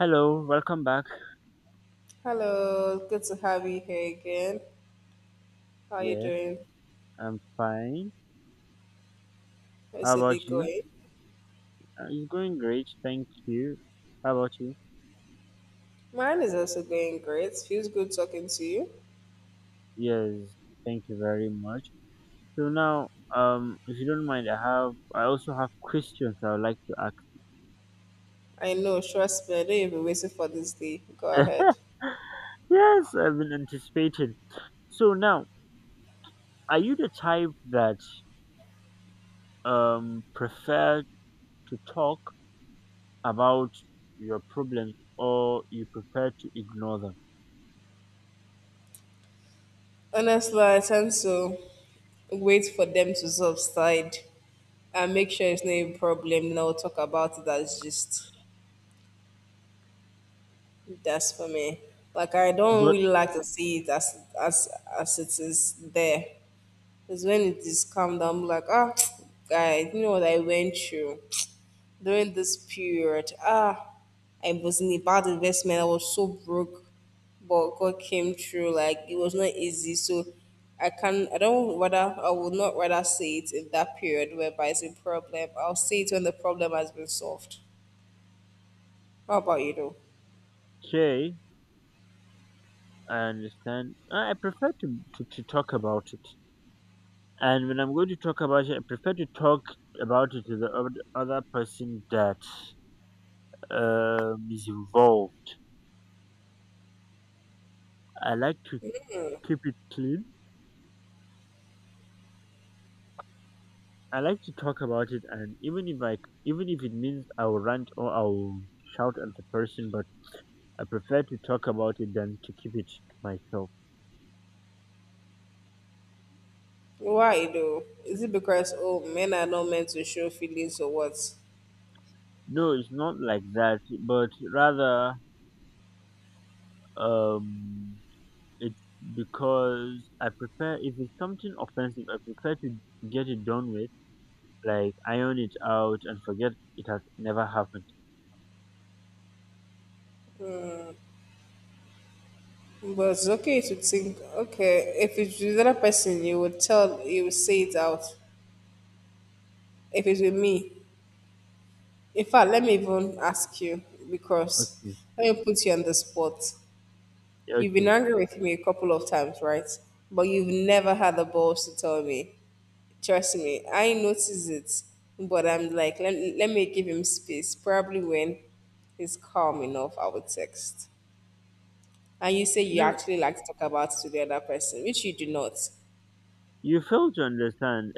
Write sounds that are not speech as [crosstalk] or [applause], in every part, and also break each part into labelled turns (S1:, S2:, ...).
S1: Hello, welcome back.
S2: Hello, good to have you here again. How are you
S1: Yes,
S2: doing?
S1: I'm fine. How
S2: How's your day
S1: about you?
S2: going?
S1: It's going great, thank you. How about you?
S2: Mine is also going great. Feels good talking to you.
S1: Yes, thank you very much. So now, if you don't mind, I also have questions I would like to ask.
S2: I know, trust me, I know you've been waiting for this day. Go
S1: [laughs]
S2: ahead.
S1: Yes, I've been anticipating. So now, are you the type that prefer to talk about your problems, or you prefer to ignore them?
S2: Honestly, I tend to wait for them to subside and make sure it's not a problem. Then I'll talk about it as just that's for me. Like I don't
S1: But
S2: really like to see it as it is there. It's when it is calm down, I'm like, ah, [tsk] guy, you know what I went through during this period? Ah, I was in a bad investment. I was so broke, but God came through. Like it was not easy, so I can. I don't rather. I would not rather say it in that period whereby it's a problem. I'll say it when the problem has been solved. How about you, though?
S1: okay, I understand. I prefer to talk about it. And when I'm going to talk about it, I prefer to talk about it to the other person that is involved. I like to keep it clean. I like to talk about it, and even if I, even if it means I'll rant or I'll shout at the person, but I prefer to talk about it than to keep it to myself.
S2: Why though? Is it because oh men are not meant to show feelings or what?
S1: No, it's not like that, but rather, um it's because, I prefer if it's something offensive, I prefer to get it done with, like iron it out and forget it has never happened.
S2: But it's okay to think, okay, if it's with another person, you would tell, you would say it out. If it's with me, in fact, let me even ask you, because
S1: Okay,
S2: let me put you on the spot. You've been
S1: okay.
S2: angry with me a couple of times, right? But you've never had the balls to tell me. Trust me, I notice it, but I'm like, let me give him space. Probably when he's calm enough, I will text. And you say you
S1: No,
S2: actually like to talk about it to the other person, which you do not.
S1: you fail to understand.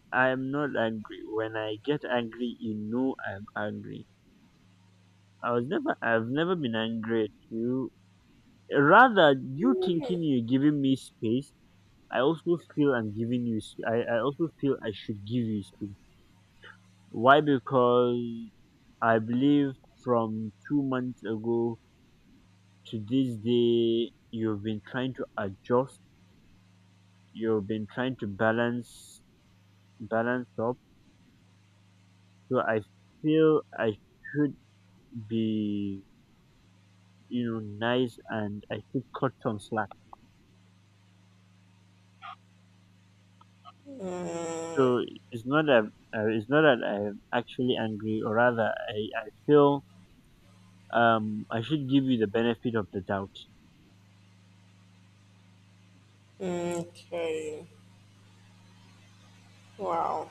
S1: [laughs] I'm not angry. When I get angry, you know I'm angry. I was never. I've never been angry at you. Rather, you thinking you're giving me space. I also feel I'm giving you. I also feel I should give you space. Why? Because I believe from two months ago to this day, you've been trying to adjust. You've been trying to balance up. So I feel I should be, you know, nice, and I should cut some slack. So it's not that it's not that I'm actually angry, or rather, I feel I should give you the benefit of the doubt.
S2: Okay. Wow.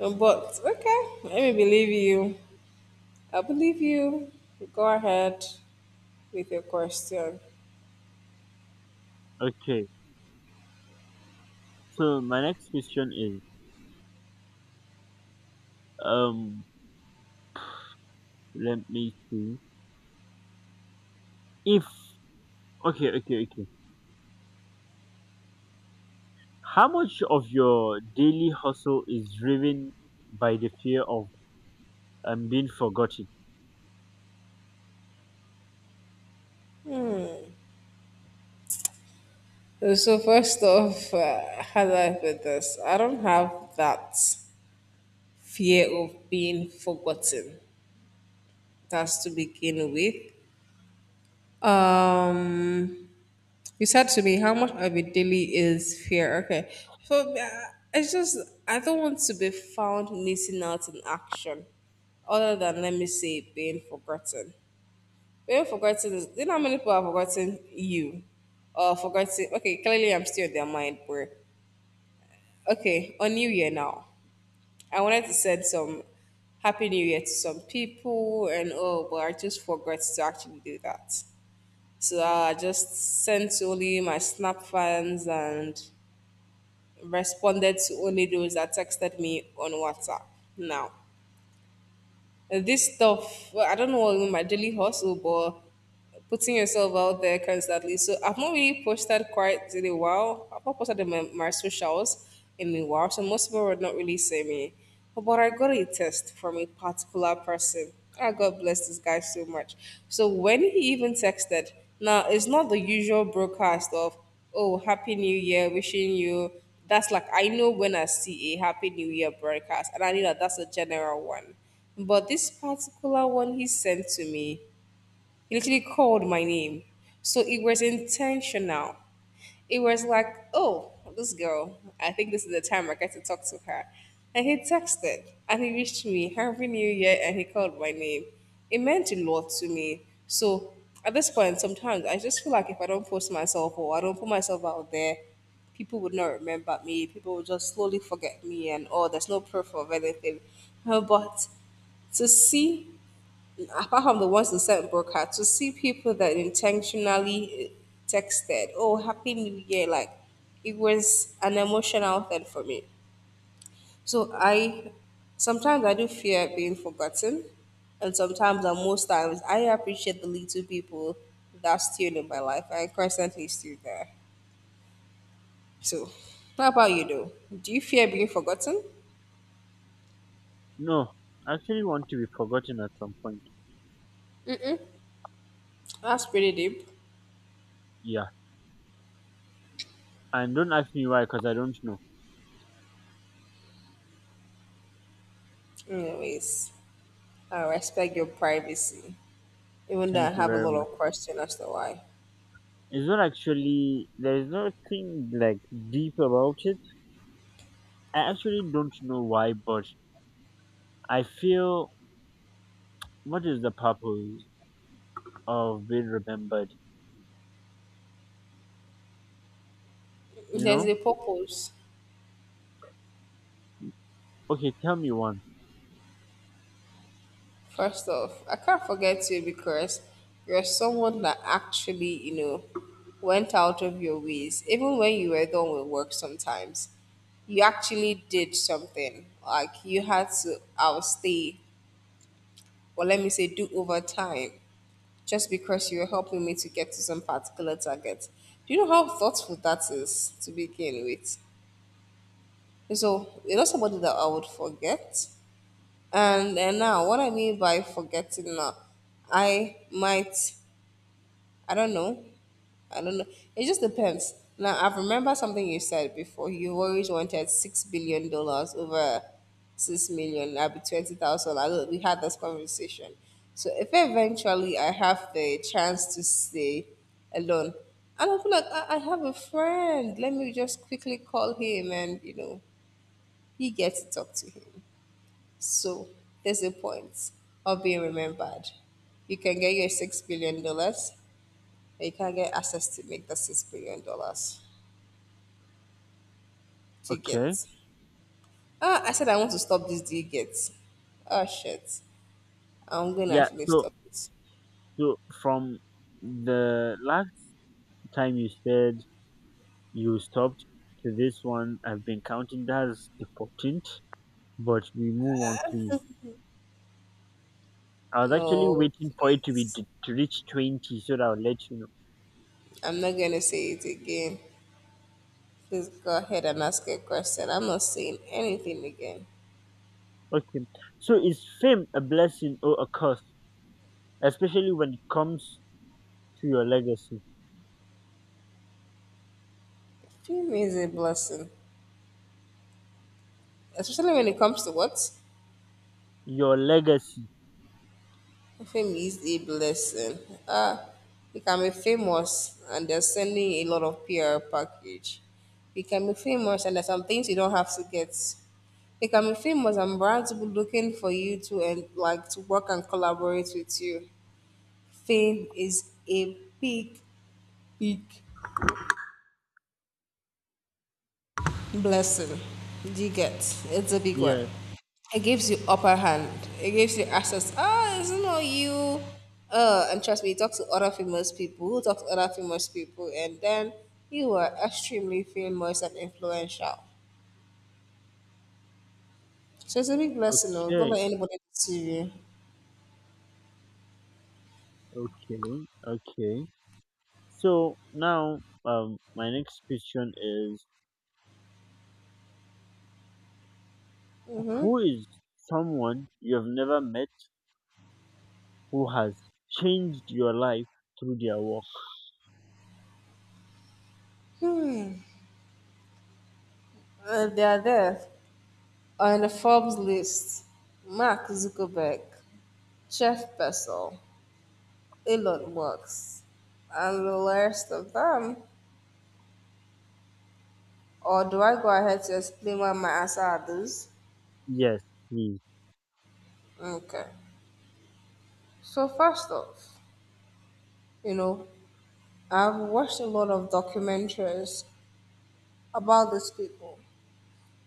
S2: But okay, let me believe you. I believe you. Go ahead with your question.
S1: Okay. So my next question is, um let me see. If, okay, how much of your daily hustle is driven by the fear of being forgotten?
S2: So first off, how do I put this? I don't have that fear of being forgotten. That's to begin with. Um, You said to me how much of it daily is fear. Okay. So, it's just, I don't want to be found missing out in action, other than, let me say, being forgotten. Being forgotten is, you know how many people have forgotten you? Or forgotten, okay, clearly I'm still in their mind. Where, okay, on New Year now, I wanted to send some Happy New Year to some people, and oh, but I just forgot to actually do that. So I just sent only my Snap fans and responded to only those that texted me on WhatsApp now. This stuff, well, I don't know what my daily hustle, but putting yourself out there constantly. So I've not really posted quite in a while. I've not posted in my socials in a while, so most people would not really see me. But I got a test from a particular person. Ah, God bless this guy so much. So when he even texted, now it's not the usual broadcast of, oh, Happy New Year, wishing you. That's like, I know when I see a Happy New Year broadcast, and I know that that's a general one. But this particular one he sent to me, he literally called my name. So it was intentional. It was like, oh, this girl, I think this is the time I get to talk to her. And he texted and he reached me, Happy New Year, and he called my name. It meant a lot to me. So at this point, sometimes I just feel like if I don't post myself or I don't put myself out there, people would not remember me. People would just slowly forget me, and oh, there's no proof of anything. But to see, apart from the ones that sent broadcast, to see people that intentionally texted, oh, Happy New Year, like, it was an emotional thing for me. So I sometimes I do fear being forgotten, and sometimes, and most times, I appreciate the little people that's still in my life and constantly still there. So, how about you though? Do you fear being forgotten?
S1: No, I actually want to be forgotten at some point.
S2: That's pretty deep.
S1: Yeah, and don't ask me why, because I don't know.
S2: Anyways, I respect your privacy, even though I
S1: Thank you
S2: have a
S1: very
S2: lot
S1: much.
S2: of question as to why.
S1: It's not actually, there is nothing like deep about it. I actually don't know why, but I feel, what is the purpose of being remembered? You
S2: There's
S1: know?
S2: a purpose.
S1: Okay, tell me one.
S2: First off, I can't forget you because you're someone that actually, you know, went out of your ways. Even when you were done with work sometimes, you actually did something. Like you had to outstay, or let me say, do overtime just because you were helping me to get to some particular target. Do you know how thoughtful that is to begin with? So, you're not somebody that I would forget. And now, what I mean by forgetting now, I might, I don't know, I don't know. It just depends. Now, I've remembered something you said before. You always wanted $6 billion over 6 million. I'll be 20,000. I don't, we had this conversation. So if eventually I have the chance to stay alone, and I feel like I have a friend, let me just quickly call him, and you know, he gets to talk to him. So there's a point of being remembered. You can get your $6 billion, but you can't get access to make the $6 billion. Do you
S1: Okay.
S2: get? Ah, I said I want to stop this. Do you get? Oh shit! I'm gonna
S1: Yeah,
S2: actually
S1: so.
S2: stop it.
S1: So from the last time you said you stopped to this one, I've been counting, that's the 14th, but we move on, please. I was actually
S2: No,
S1: waiting for it to be
S2: please.
S1: to reach 20, so that I'll let you
S2: I'm not gonna say it again. Please go ahead and ask a question. I'm not saying anything again.
S1: know. Okay. So is fame a blessing or a curse, especially when it comes to your legacy?
S2: Dream is a blessing, especially when it comes to what.
S1: Your legacy.
S2: Fame is a blessing. Ah, you can be famous and they're sending a lot of PR package. You can be famous and there's some things you don't have to get. You can be famous and brands will be looking for you to and like to work and collaborate with you. Fame is a big, big blessing. Do you get? It's a big one.
S1: Yeah.
S2: It gives you upper hand. It gives you access. Ah, it's not you. And trust me, you talk to other famous people who talk to other famous people, and then you are extremely famous and influential. So it's a big blessing, though. Don't
S1: Okay.
S2: let anybody deceive you.
S1: Okay. Okay. So now, my next question is,
S2: Mm-hmm.
S1: who is someone you have never met who has changed your life through their work?
S2: They are there on the Forbes list. Mark Zuckerberg, Jeff Bezos, Elon Musk, and the rest of them. Or do I go ahead to explain what my answer are these?
S1: Yes, please.
S2: Okay. So first off, you know, I've watched a lot of documentaries about these people,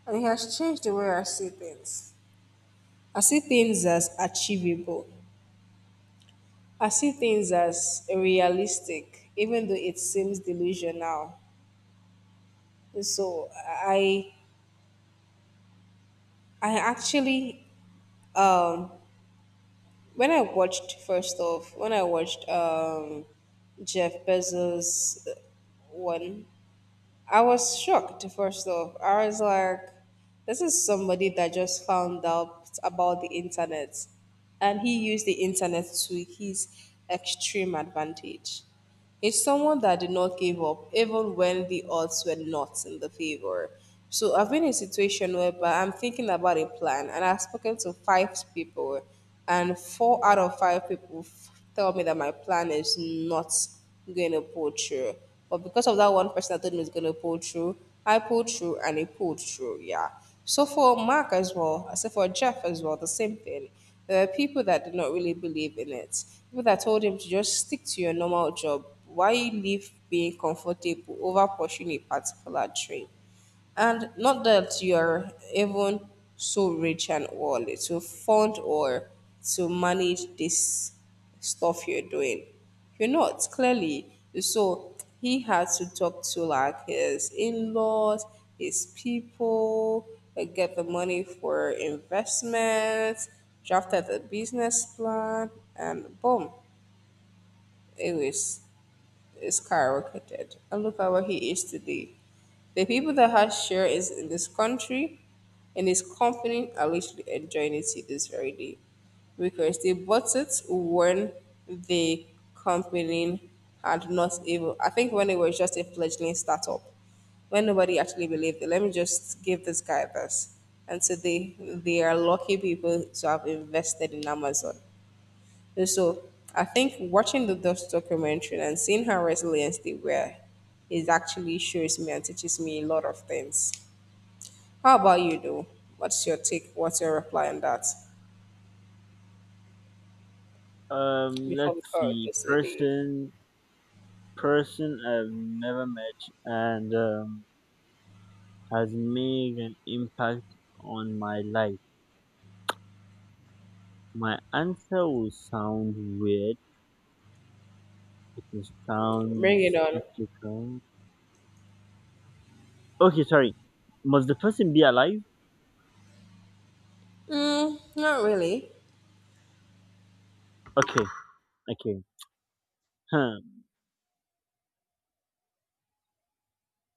S2: and it has changed the way I see things. I see things as achievable. I see things as realistic, even though it seems delusional. So I actually, when I watched, first off, when I watched Jeff Bezos, one, I was shocked, first off. I was like, this is somebody that just found out about the internet. And he used the internet to his extreme advantage. It's someone that did not give up, even when the odds were not in the favor. So I've been in a situation whereby I'm thinking about a plan, and I've spoken to 5 people, and 4 out of 5 people tell me that my plan is not gonna pull through. But because of that one person that told me it's gonna pull through, I pulled through and it pulled through. Yeah. So for Mark as well, I for Jeff as well, the same thing. There are people that did not really believe in it. People that told him to just stick to your normal job. Why leave being comfortable over pursuing a particular dream? And not that you're even so rich and all to fund or to manage this stuff you're doing. You're not, clearly. So he had to talk to like his in laws, his people, get the money for investments, drafted the business plan, and boom, it was skyrocketed. And look at where he is today. The people that had shares in this country, in this company, are literally enjoying it to this very day because they bought it when the company had not even, I think when it was just a fledgling startup, when nobody actually believed it. Let me just give this guy this. And so they are lucky people to have invested in Amazon. And so I think watching the Dutch documentary and seeing how resilient they were, is actually shows me and teaches me a lot of things. How about you, though? What's your take? What's your reply on that? Before
S1: Let's
S2: we call it
S1: see.
S2: the day,
S1: Person, person I've never met and has made an impact on my life. My answer will sound weird. It will sound
S2: bring it on.
S1: skeptical. Okay, sorry. Must the person be alive?
S2: Mm, not really.
S1: Okay, okay. Huh.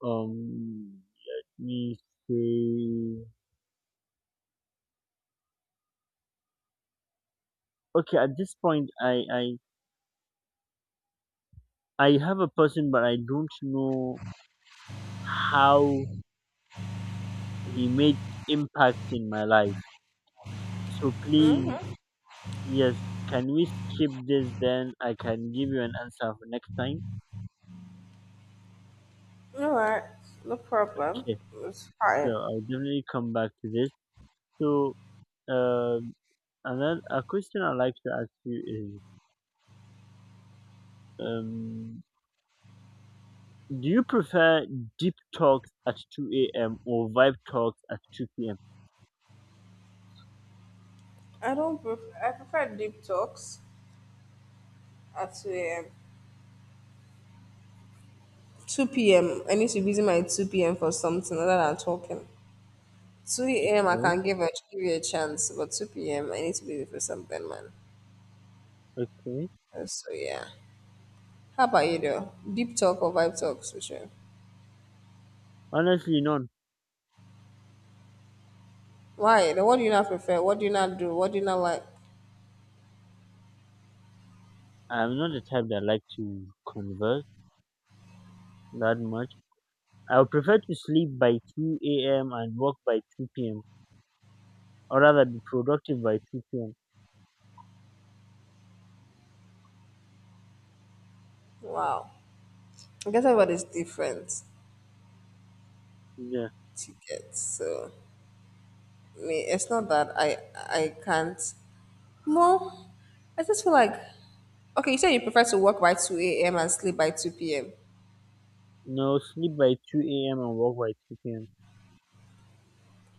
S1: Let me see. Okay, at this point, I have a person, but I don't know how he made impact in my life. So please, yes, can we skip this? Then I can give you an answer for next time.
S2: All right, no problem.
S1: Okay,
S2: It's
S1: so
S2: fine.
S1: I'll definitely come back to this. So, um, and then a question I'd like to ask you is, um, do you prefer deep talks at 2 a.m. or vibe talks at 2 p.m.?
S2: I don't. I prefer deep talks at 2 a.m. Two p.m. I need to be using my 2 p.m. for something other than talking. 2 a.m. I
S1: Okay,
S2: can give you a chance, but 2 p.m. I need to leave for something, man.
S1: okay.
S2: So yeah. How about you though? Deep talk or vibe talk, Sushi?
S1: Honestly, none.
S2: Why? Then, what do you not prefer? What do you not do? What do you not like?
S1: I'm not the type that like to converse that much. I would prefer to sleep by 2 a.m. and work by 2 p.m., or rather be productive by 2 p.m.
S2: Wow. I guess everybody's different
S1: Yeah.
S2: to get. So me, it's not that I can't. Well, I just feel like, okay. You said you prefer to work by 2 a.m. and sleep by 2 p.m.
S1: No, sleep by 2 a.m. and work by 2 p.m.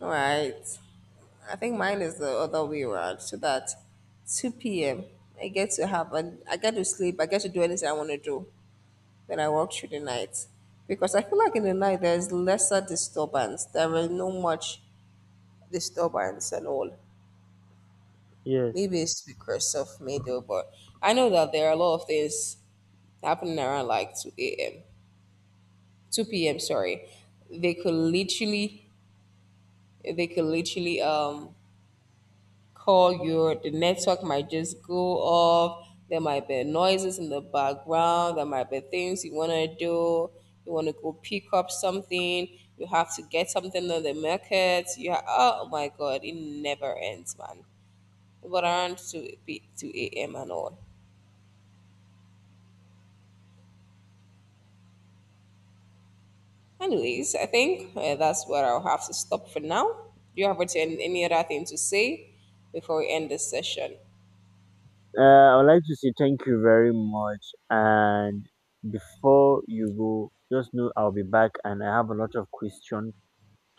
S2: All right. I think mine is the other way around. So that 2 p.m. I get to have an I get to sleep. I get to do anything I want to do. Then I work through the night because I feel like in the night there's lesser disturbance. There is no much disturbance and all.
S1: Yes.
S2: Maybe it's because of me though, but I know that there are a lot of things happening around like 2 a.m. 2 p.m. Sorry, they could literally they could literally call you, the network might just go off. There might be noises in the background. There might be things you want to do. You want to go pick up something. You have to get something on the market. Oh my god, it never ends, man. But around 2 a.m. and all. Anyways, I think, that's where I'll have to stop for now. Do you have any other thing to say before we end this session?
S1: Uh, I would like to say thank you very much. And before you go, just know I'll be back, and I have a lot of questions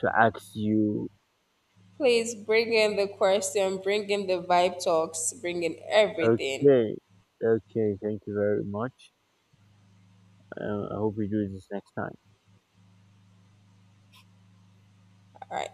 S1: to ask you.
S2: Please bring in the question, bring in the vibe talks, bring in everything.
S1: Okay. Okay. Thank you very much. I hope we do this next time.
S2: All right.